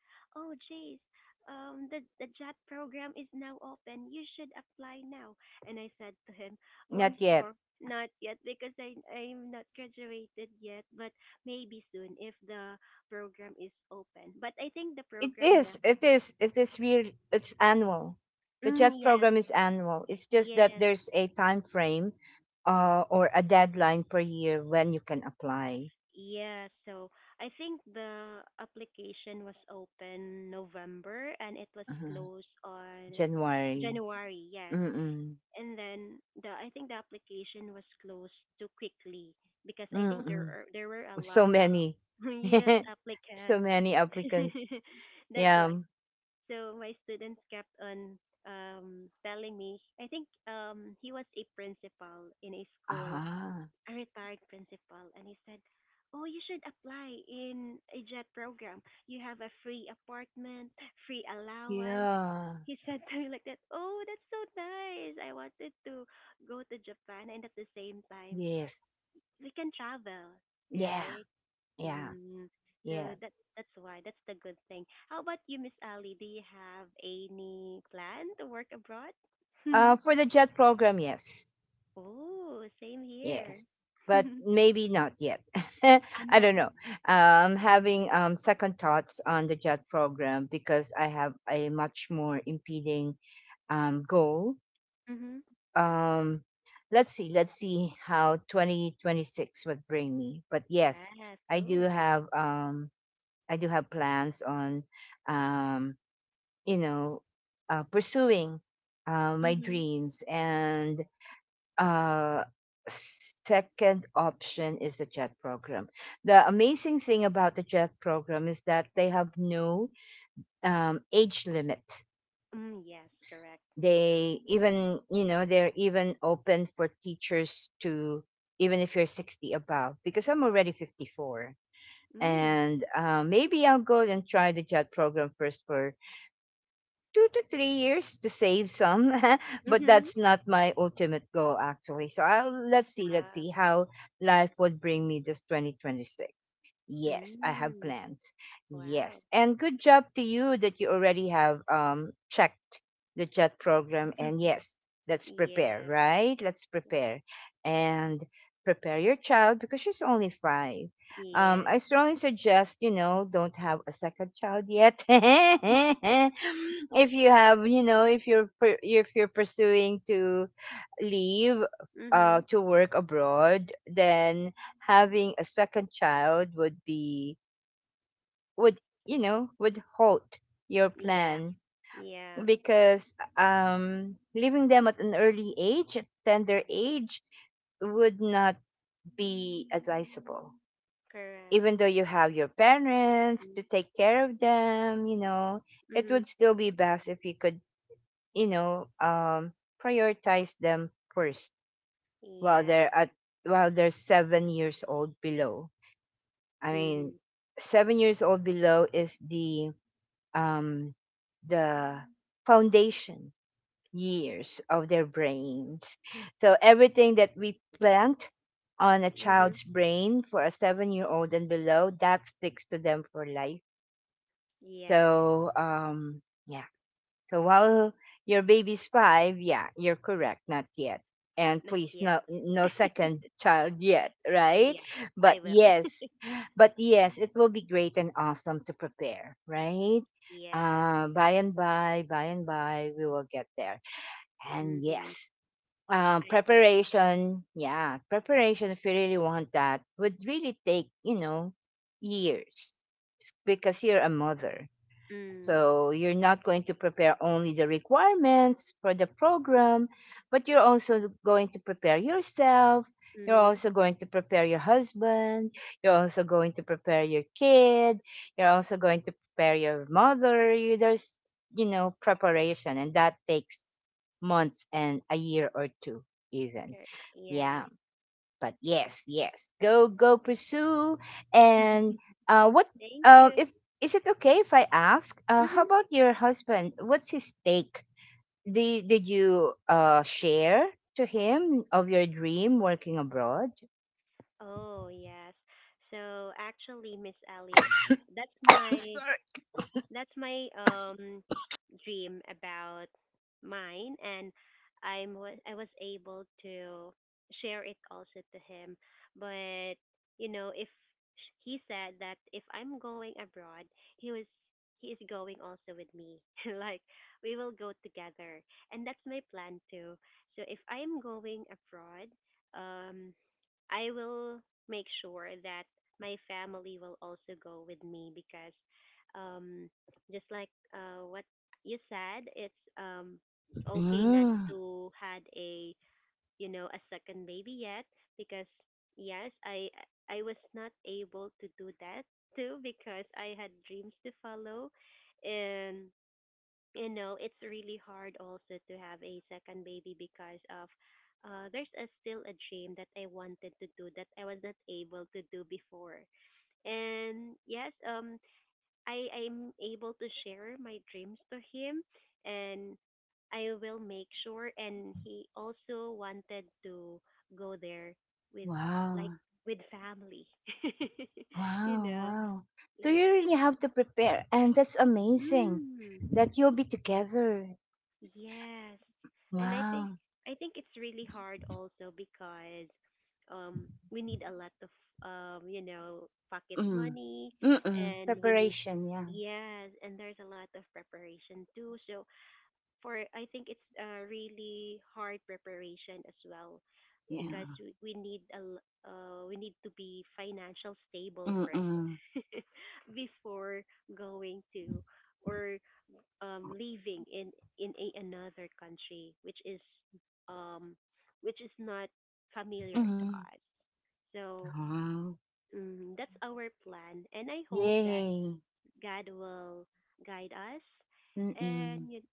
"Oh, Jace, the JAT program is now open. You should apply now." And I said to him, "Oh,
not
I'm
yet.
sorry, not yet because I'm not graduated yet, but maybe soon if the program is open." But I think the
It
program
is.
now.
It is. It is real. It's annual. The JET
Mm,
program
yes,
is annual. It's just that
yes.
there's a time frame, or a deadline per year when you can apply.
Yeah, so I think the application was open November and it was
Uh-huh.
closed on
January.
January, yes.
Mm,
And then the I think the application was closed too quickly because I think
mm.
there were a
So
lot
many.
of yes
So
applicants.
many applicants.
That's
Yeah.
why. So my students kept on telling me. I think he was a principal in a school,
Ah,
a retired principal, and he said, "Oh, you should apply in a JET program. You have a free apartment, free allowance."
yeah.
He said to me like that, "Oh, that's so nice. I wanted to go to Japan, and at the same time,
Yes.
we can travel,
Yeah.
right?"
Yeah.
mm
Yeah.
So that's why that's the good thing. How about you, Miss Ali? Do you have any plan to work abroad?
For the JET program, yes.
Oh, same
Yes.
here.
But maybe not yet. I don't
Anat.
know. Having second thoughts on the JET program because I have a much more impeding goal.
Mm-hmm.
um let's see, let's see how 2026 would bring me, but yes,
Yeah,
I do
cool. And
have I do have plans on um you know pursuing my
mm-hmm.
dreams. And uh second option is the JET program. The amazing thing about the JET program is that they have no age limit.
Mm, yes, correct.
They, even, you know, they're even open for teachers to, even if you're 60 above, because I'm already 54.
Mm.
And maybe I'll go and try the JAD program first for 2 to 3 years to save some. But that's
Mm-hmm.
not my ultimate goal, actually, so I'll, let's see, let's see
Ah.
how life would bring me this 2026. Yes, I have
Mm.
plans. Yes.
Wow.
And good job to you that you already have checked the JET program. And yes, let's prepare,
Yes.
right? Let's prepare. And prepare your child because she's only 5. I
Yes.
strongly suggest, you know, don't have a second child yet. If you have, you know, if you're if you're pursuing to leave,
Mm-hmm.
to work abroad, then having a second child would be, would, you know, would halt your
Yeah.
plan,
Yeah.
because leaving them at an early age, at tender age, would not be advisable.
Correct.
Even though you have your parents to
Mm-hmm.
take care of them, you know, it would
Mm-hmm.
still be best if you could, you know, prioritize them first while they're at,
Yes.
while they're 7 years old below. I mean,
Mm-hmm.
7 years old below is the um, the foundation years of their brains. So everything that we plant on a child's
Mm-hmm.
brain for a 7 year old and below, that sticks to them for life.
Yes.
So yeah, so while your baby's five, yeah, you're correct, not yet. And
Not
please, no
yet.
second child yet, right?
Yes.
But
I
yes,
will.
but yes, it will be great and awesome to prepare, right?
Yes.
By and by, we will get there. And
Mm-hmm.
yes,
I will.
preparation, yeah, preparation, if you really want that, would really take, you know, years, because you're a mother,
Mm.
so you're not going to prepare only the requirements for the program, but you're also going to prepare yourself. You're
Mm-hmm.
also going to prepare your husband. You're also going to prepare your kid. You're also going to prepare your mother. There's, you know, preparation, and that takes months and a year or two, even. Yeah.
Yes.
But yes, yes, go go pursue. And what
Thank
if
you.
is it okay if I ask? How
Mhm.
about your husband? What's his take? Did you share to him of your dream working abroad?
Oh, yes. So actually, Miss Ellie, that's
I'm
my,
sorry.
that's my dream about mine, and I was able to share it also to him. But if he said that if I'm going abroad, he was he is going also with me. Like we will go together, and that's my plan too. So if I'm going abroad, um, I will make sure that my family will also go with me because um just like what you said, it's okay not
Mm,
to had a you know a second baby yet because yes, I was not able to do that too because I had dreams to follow, and it's really hard also to have a second baby because of. There's still a dream that I wanted to do that I was not able to do before. And yes, I am able to share my dreams to him, and I will make sure, and he also wanted to go there with
wow,
like with family.
wow,
you know,
wow. So you
like
really have to prepare, and that's amazing
mm,
that you'll be together.
yes. And I
Wow.
think I think it's really hard also because we need a lot of pocket
Mm.
money,
Mm-mm.
and we need,
Preparation, yeah.
yes, and there's a lot of preparation too, so for I think it's a really hard preparation as well
Yeah.
because we need to be financial stable first.
Mm-mm.
Before going to, or living in another country, um which is not familiar to
Mm.
us, so
Oh,
that's our plan, and I hope that
yay.
God will guide us
Mm-mm.
and you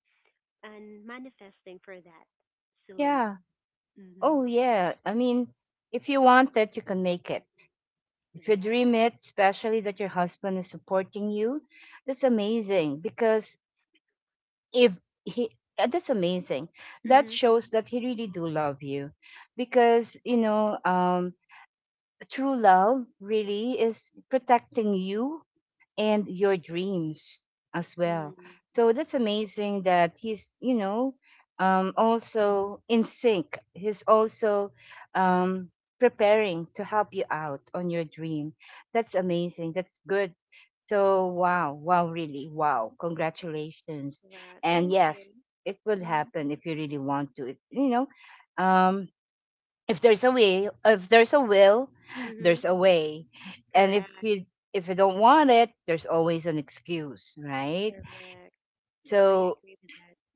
and manifesting for that soon.
Yeah. Oh,
Mm-hmm.
yeah. I mean, if you want it, you can make it. If you dream
Yes.
it, especially that your husband is supporting you, that's amazing. Because if he, that's amazing. That
Mm-hmm.
shows that he really do love you because, you know, true love really is protecting you and your dreams as well.
Mm-hmm.
So that's amazing that he's, you know, also in sync. He's also um, preparing to help you out on your dream. That's amazing. That's good. So, wow, wow, really, wow. Congratulations.
Wow.
And
Thank
yes,
you.
it will
Mm-hmm.
happen if you really want to. If, you know, um, if there's a way, if there's a will, there's
Mm-hmm.
a way. And
Correct.
if you don't want it, there's always an excuse, right?
Correct. I
So
agree with that.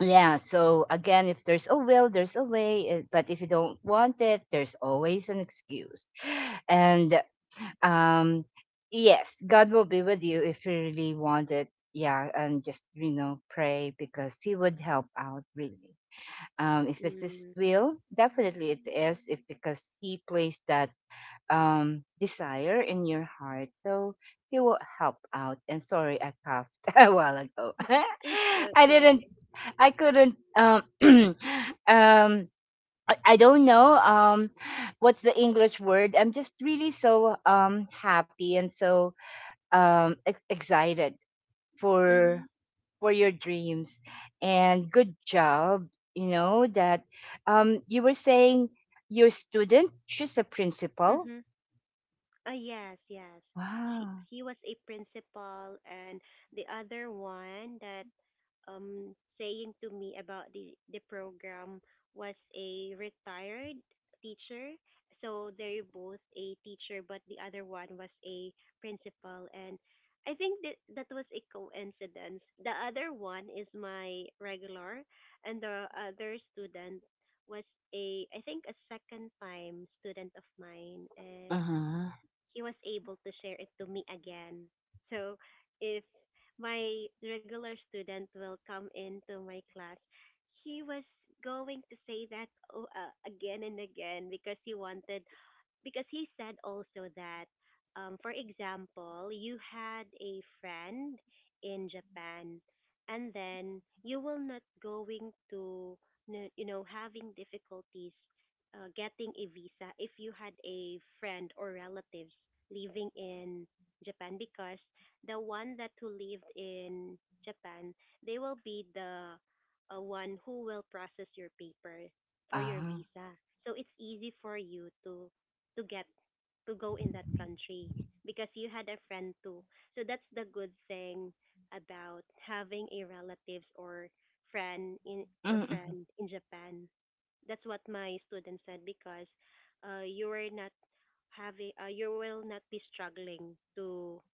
yeah, so again, if there's a will, there's a way, eh, but if you don't want it, there's always an excuse. And um yes, God will be with you if you really want it. Yeah, and just, you know, pray, because he would help out, really, if it's his
Mm.
will. Definitely it is, if, because he placed that desire in your heart, so he will help out. And sorry, I coughed a while ago.
It's
i didn't
okay.
I couldn't um I don't know, what's the English word. I'm just really so happy and so excited for
Mm-hmm.
for your dreams. And good job. You know that you were saying your student. She's a principal.
Mm-hmm. Yes, yes. She
Wow.
He was a principal, and the other one that saying to me about the program was a retired teacher. So they're both a teacher, but the other one was a principal, and I think that that was a coincidence. The other one is my regular, and the other student was a I think a second time student of mine.
Uh-huh.
He was able to share it to me again. So if my regular student will come into my class, he was going to say that, oh, again and again, because he wanted because he said also that, for example, you had a friend in Japan, and then you will not going to, having difficulties getting a visa if you had a friend or relatives living in Japan, because the one that who lived in Japan, they will be the one who will process your paper for your
Ah.
visa. So it's easy for you to get to go in that country because you had a friend too. So that's the good thing about having a relatives or
Mm-mm.
friend in Japan. That's what my student said because you are not having, you will not be struggling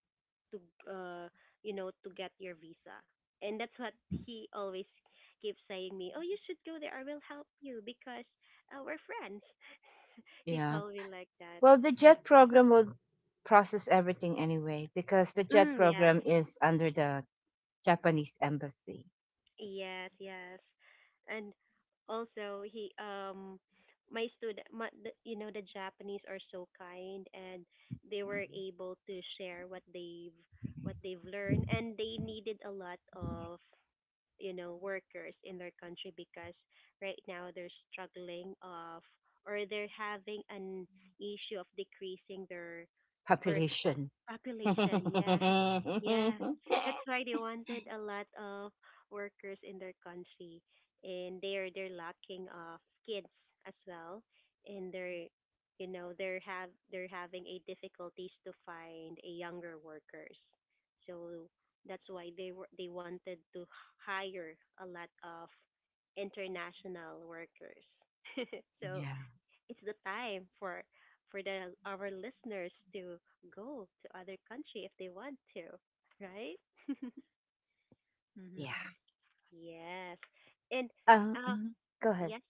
to uh, to get your visa. And that's what he always keeps saying me, "Oh, you should go there. I will help you because we're friends." He
Yeah.
told me like that.
Well, the JET program will process everything anyway because the JET
Mm, yeah.
program is under the Japanese embassy.
Yes, yes. And also he my student my, the, you know the Japanese are so kind, and they were able to share what they've learned, and they needed a lot of workers in their country because right now they're struggling of, or they're having an issue of decreasing their birth.
Population.
Population, yeah. Yeah.
Mm-hmm.
That's why they wanted a lot of workers in their country, and they're lacking of kids as well, and they're you know they're have they're having a difficulties to find a younger workers, so that's why they wanted to hire a lot of international workers. So
Yeah.
it's the time for the our listeners to go to other country if they want to, right? hmm,
Yeah.
yes. And
Um,
uh
mm, go ahead.
yes,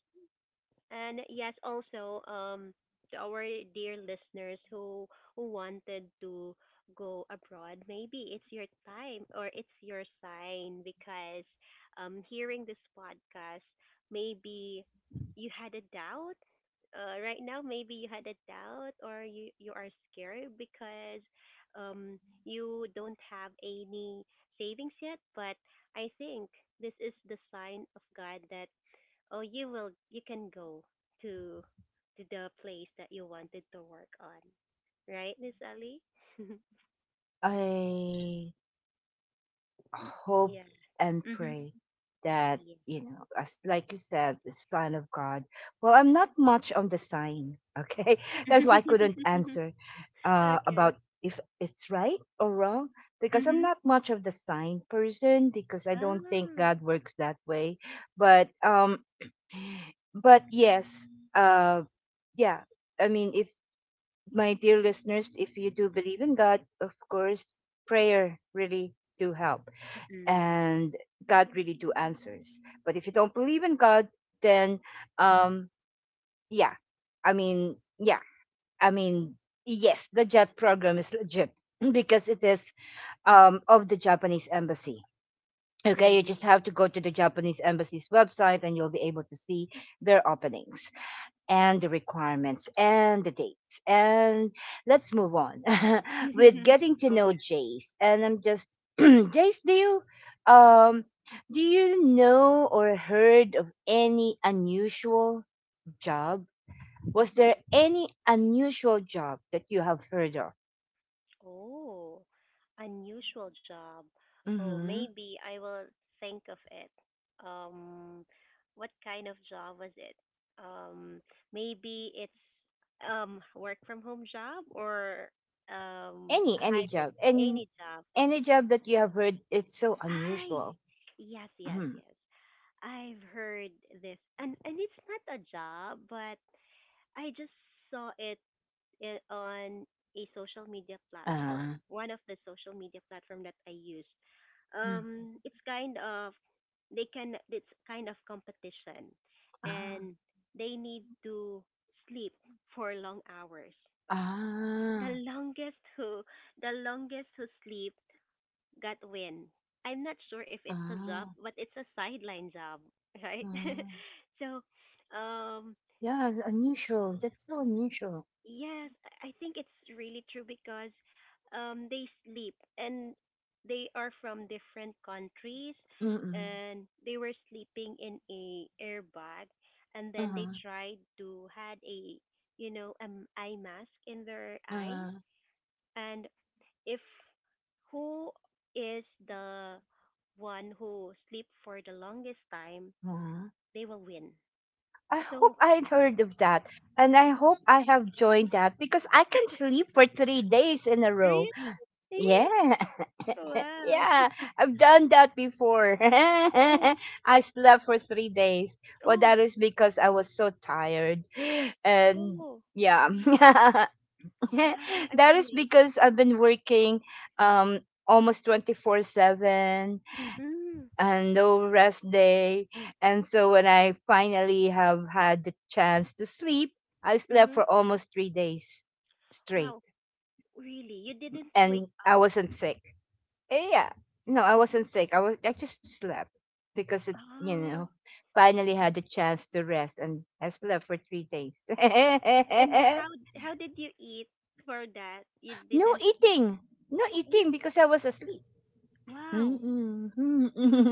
also to our dear listeners who wanted to go abroad, maybe it's your time or it's your sign because hearing this podcast, maybe you had a doubt. Right now, maybe you had a doubt or you are scared because um, you don't have any savings yet. But I think this is the sign of God that, oh, you will. You can go to to the place that you wanted to work on, right, Miss Ali?
I hope
Yeah.
and
Mhm.
pray that,
Yeah.
you know, as like you said, the sign of God. Well, I'm not much on the sign. Okay, that's why I couldn't answer about
Okay.
if it's right or wrong, because I'm
Mhm.
not much of the sign person, because I don't think
Ah.
God works that way. But um, but yes, uh, yeah. I mean, if my dear listeners, if you do believe in God, of course, prayer really do help,
Mm.
and God really do answers. But if you don't believe in God, then um yeah. I mean, yeah. I mean, yes, the JET program is legit because it is of the Japanese embassy. Okay, you just
Mhm.
have to go to the Japanese embassy's website and you'll be able to see their openings and the requirements and the dates. And let's move on with getting to know Jace. And I'm just Jace, do you um know or heard of any unusual job? Was there any unusual job that you have heard of?
Oh, unusual job. Oh,
Hmm.
maybe I will think of it. Um, what kind of job was it? Um, Maybe it's work from home job or a
Any
hybrid,
job, and
any job.
any job that you have heard it's so
I
unusual.
Yes, yes,
Mm.
yes. I've heard this, and it's not a job, but I just saw it on a social media platform.
Uh,
One of the social media platform that I use.
mm,
Um, it's kind of it's kind of competition,
ah,
and they need to sleep for long hours. The
ah,
longest who the longest who sleep got win. I'm not sure if it's a job,
ah,
but it's a sideline job, right?
ah.
so, um,
Yeah, unusual. That's so unusual.
Yes, I think it's really true because they sleep and they are from different countries
Mm-mm.
and they were sleeping in a airbag and then
Uh-huh.
they tried to had a eye mask in their eyes
Uh-huh.
and if who is the one who sleep for the longest time
Uh-huh.
they will win
I hope,
so
I heard of that. And I hope I have joined that because I can sleep for 3 days in a row.
really,
Yeah.
wow.
Yeah. I've done that before.
Oh.
I slept for 3 days. Well, that
Oh.
is because I was so tired. And
Oh,
yeah.
really? Wow, I'm
That
so
is
amazed.
because I've been working um almost 24/7,
Mm,
and no rest day. And so when I finally have had the chance to sleep, I slept
mm-hmm.
for almost 3 days straight.
Wow, really? You didn't
And
wake
I
up?
wasn't sick. Eh, yeah. No, I wasn't sick. I just slept because it you
Oh,
know, finally had the chance to rest and I slept for 3 days. no
and how did you eat for that? You didn't eat?
eating. No
Oh,
eating because I was asleep.
wow.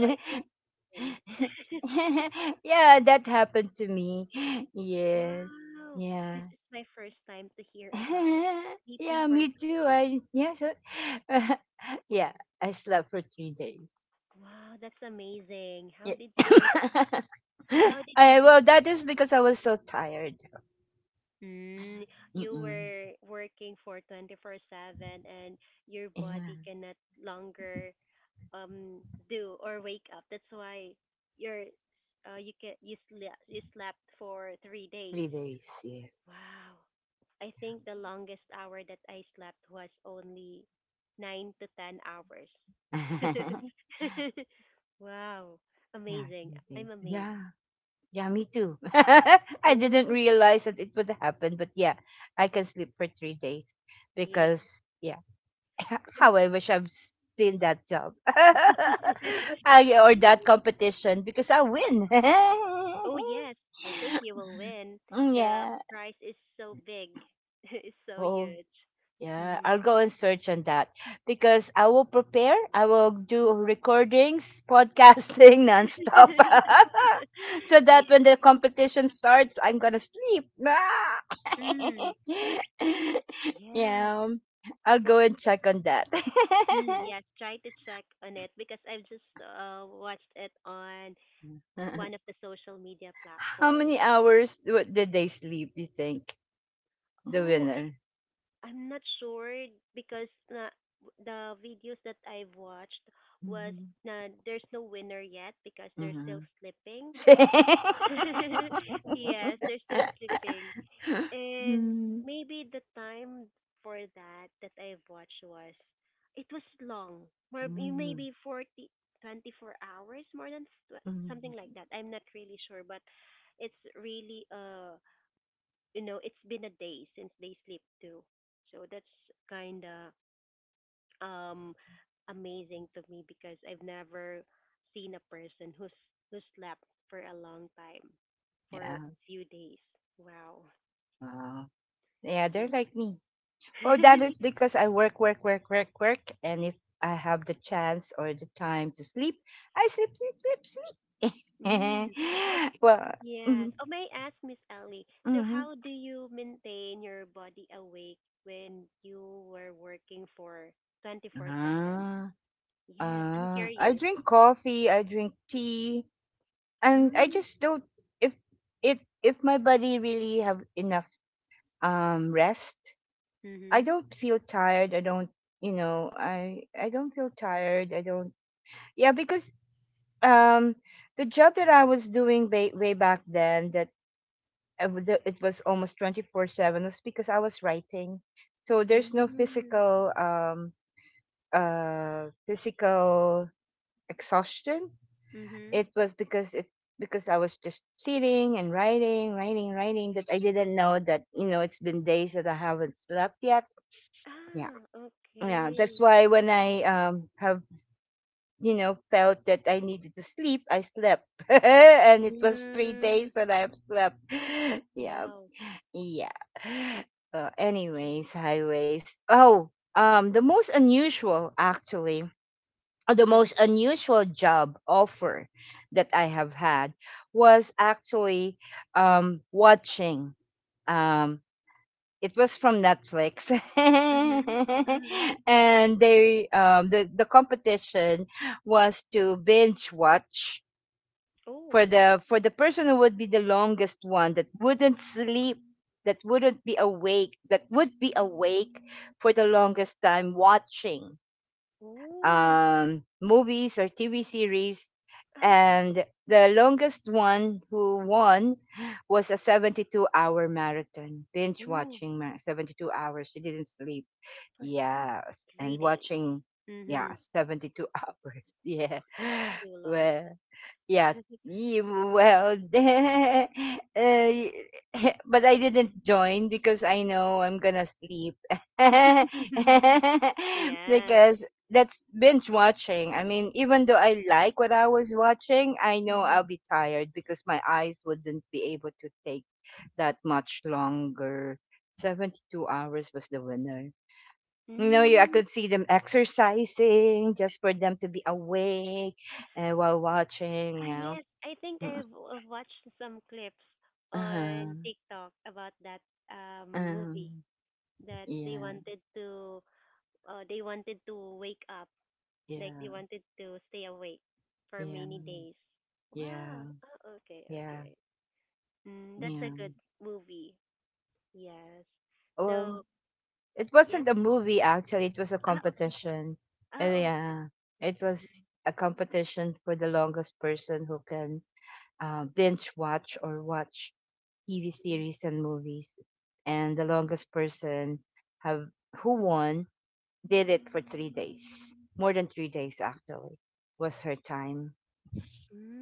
So I think then.
yeah, that happened to me. Yes.
Wow,
Yeah.
this is my first time to hear about sleeping
yeah,
for
me
three
too.
days.
Yeah, I slept for 3 days.
Wow, that's amazing.
Yeah.
How did you do that? How did you do?
Well, that is because I was so tired.
Mm, you
Mm-mm.
were working for 24/7 and your
Yeah,
body cannot longer um do or wake up. That's why you're you slept, you slept for 3 days.
3 days. Yeah.
Wow. I think the longest hour that I slept was only 9 to 10 hours. Wow.
yeah,
Amazing.
3
I'm
days.
amazed.
Yeah. Yeah, me too. I didn't
Oh,
realize that it would happen, but yeah, I can sleep for 3 days
yeah.
because how I wish I'm still that job, or that competition because I win.
Oh yes, I think you will win.
Mm,
The
yeah.
prize is so big. It's so
Oh,
huge.
yeah.
Mm.
I'll go and search on that because I will prepare. I will do recordings, podcasting nonstop. so
Yeah.
that when the competition starts, I'm going to sleep. Ah!
Mm. Yeah.
yeah. I'll go
Well,
and check on that.
yes, try to check on it because I've just watched it on one of the social media
How many
platforms.
hours did they sleep, you think? The
Oh,
winner.
I'm not sure because the videos that I've watched was
Mhm.
there's no winner yet because they're still
Mhm.
sleeping. Yes, they're still sleeping. And
Mhm.
maybe the time for that I've watched was it was long. More
Mhm.
maybe 40 24 hours, more than
Mhm.
something like that. I'm not really sure, but it's really it's been a day since they sleep too. So that's kind of um amazing to me because I've never seen a person who's who slept for a long time,
yeah.
for few days. Wow.
Wow. Yeah,
Yeah.
they're like me. Oh, that is because I work, work, work, work, work. And if I have the chance or the time to sleep, I sleep, sleep, sleep, sleep.
Mm. Oh
well,
yes.
mhm,
Oh, may I ask Miss Ellie? So
mhm.
how do you maintain your body awake when you were working for 24/7?
Ah.
Yes, I'm
I
curious.
drink coffee, I drink tea, and I
Mm.
just don't if if if my body really have enough rest, I
Mhm.
don't feel tired. I don't feel tired. I don't. Yeah, because um the job that I was doing way, way back then, that it was almost 24/7, was because I was writing. So there's no
Mhm.
physical physical exhaustion.
Mhm.
It was because it Because I was just sitting and writing, writing, writing, that I didn't know that, you know, it's been days that I haven't slept yet. Yeah,
Ah,
yeah. That's
okay.
why when I have, you know, felt that I needed to sleep, I slept, and it was three
Mm.
days that I have slept. Yeah,
Wow.
yeah. Anyways, highways. Oh, um, the most unusual actually the
Mm-hmm.
most unusual job offer that I have had was actually watching. Um, it was from Netflix, and the competition was to binge watch
Oh.
for the person who would be the longest one that wouldn't sleep, that wouldn't be awake, that would be awake for the longest time watching
Oh.
movies or TV series.
Ah.
And the longest one who won was a 72-hour marathon,
Oh.
72 hours. She didn't sleep.
For
Yes.
three
And
days.
watching,
Mm-hmm.
yeah, 72 hours. Yeah.
That's too long.
Well, yeah. Ye- Well, uh, y- but I didn't join because I know I'm gonna sleep.
Mm-hmm. Yes.
because that's binge watching. I mean, even though I like what I was watching, I know
Mm-hmm.
I'll be tired because my eyes wouldn't be able to take that much longer. 72 hours was the winner. I
Mm.
could see them exercising just for them to be awake, and while
Ah,
watching, you know.
yes. I think
Mm,
I've watched some clips on
uh-huh,
TikTok about that movie
um,
that
yeah,
they wanted to wake up, like they
yeah,
wanted to stay awake for
yeah,
many days. Wow.
yeah,
Oh, okay,
yeah,
okay. Mm, that's a
yeah.
good movie. Yes. So,
Well, it
yes.
wasn't a movie actually, it was a
Ah, okay.
competition.
Ah, oh.
Yeah, it
Mm-hmm.
was a competition for the longest person who can binge watch or watch TV series and movies. And the longest person have who won did it for 3 days, more than 3 days actually, was her time.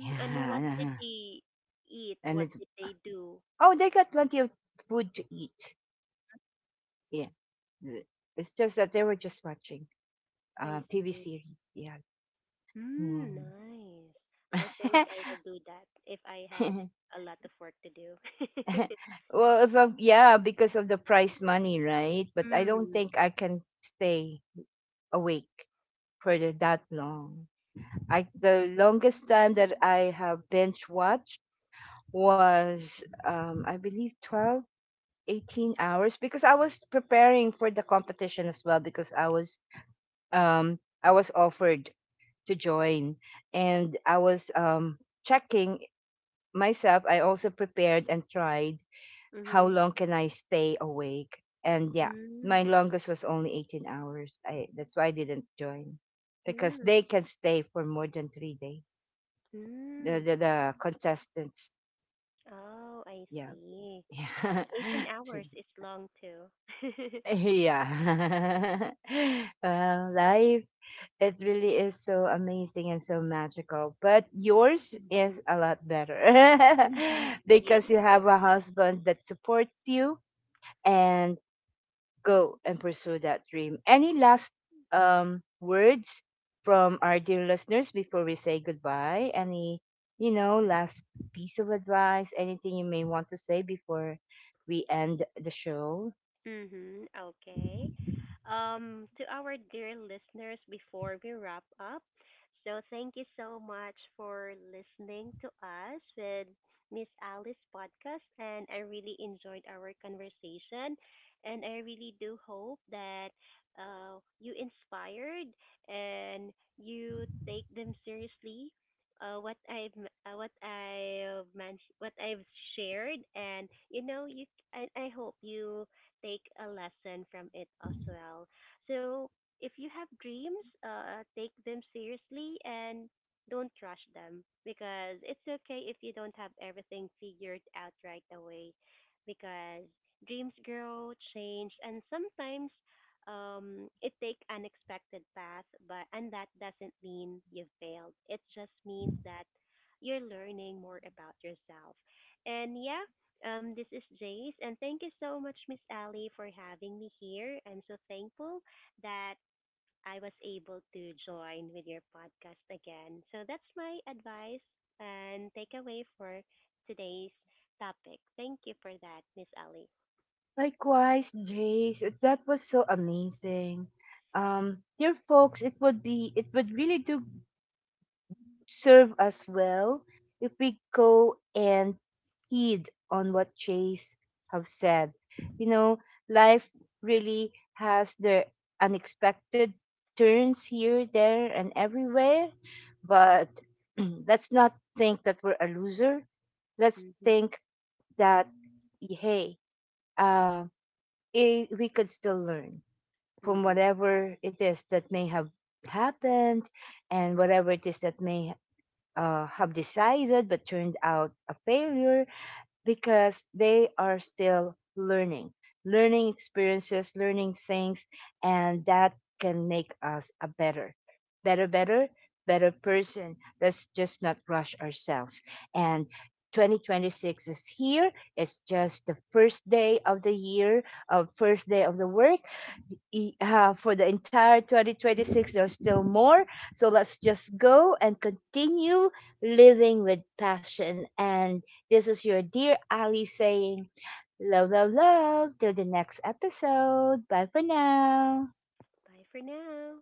and
Yeah,
what did they eat?
and
What
it
did they do?
oh, they got plenty of food to eat. Yeah. th- It's just that they were just watching
I
TV
see.
series. Yeah.
Mm,
Mm.
nice. I think I will do that if I had a lot of work to do.
well, if I'm, yeah, because of the prize money, right? But I don't
Mm,
think I can stay awake that long. I The longest time that I have binge watched was I believe 12, 18 hours, because I was preparing for the competition as well because I was offered to join. And I was checking myself. I also prepared and tried how
mm-hmm.
long can I stay awake. And yeah, my
Mm,
longest was only 18 hours. That's why I didn't join because
mm,
they can stay for more than 3 days. The,
mm.
the, the contestants,
Oh, I
yeah.
see. 18
Yeah.
hours is long too.
yeah. well, life it really is so amazing and so magical. But yours
Mm-hmm.
is a lot better
Yeah.
because you have a husband that supports you and go and pursue that dream. Any last words from our dear listeners before we say goodbye? Any, you know, last piece of advice? Anything you may want to say before we end the show?
Mm-hmm. Okay. To our dear listeners, before we wrap up, so thank you so much for listening to us with Miss Alice podcast, and I really enjoyed our conversation, and I really do hope that you inspired and you take them seriously. What I've mentioned, what I've shared, and you know, you I hope you take a lesson from it as well. So if you have dreams, take them seriously and don't rush them because it's okay if you don't have everything figured out right away because dreams grow, change, and sometimes it take unexpected path, but and that doesn't mean you failed. It just means that you're learning more about yourself. And yeah, this is Jace, and thank you so much, Miss Ali, for having me here. I'm so thankful that I was able to join with your podcast again. So that's my advice and takeaway for today's topic. Thank you for that, Miss Ali.
Likewise, Jace, that was so amazing. Dear folks, it would really do serve us well if we go and heed on what Chase have said. You know, life really has the unexpected turns here, there, and everywhere. But let's not think that we're a loser. Let's
Mm-hmm.
think that, hey, um, we could still learn from
Mm-hmm.
whatever it is that may have happened, and whatever it is that may have decided but turned out a failure, because they are still learning, learning experiences, learning things, and that can make us a better, better better better person. Let's just not rush ourselves. And 2026 is here. It's just the first day of the year, of first day of the work. For the entire 2026 there's still more. So let's just go and continue living with passion. And this is your dear Ali saying, love, love, love. Till the next episode. Bye for now.
Bye for now.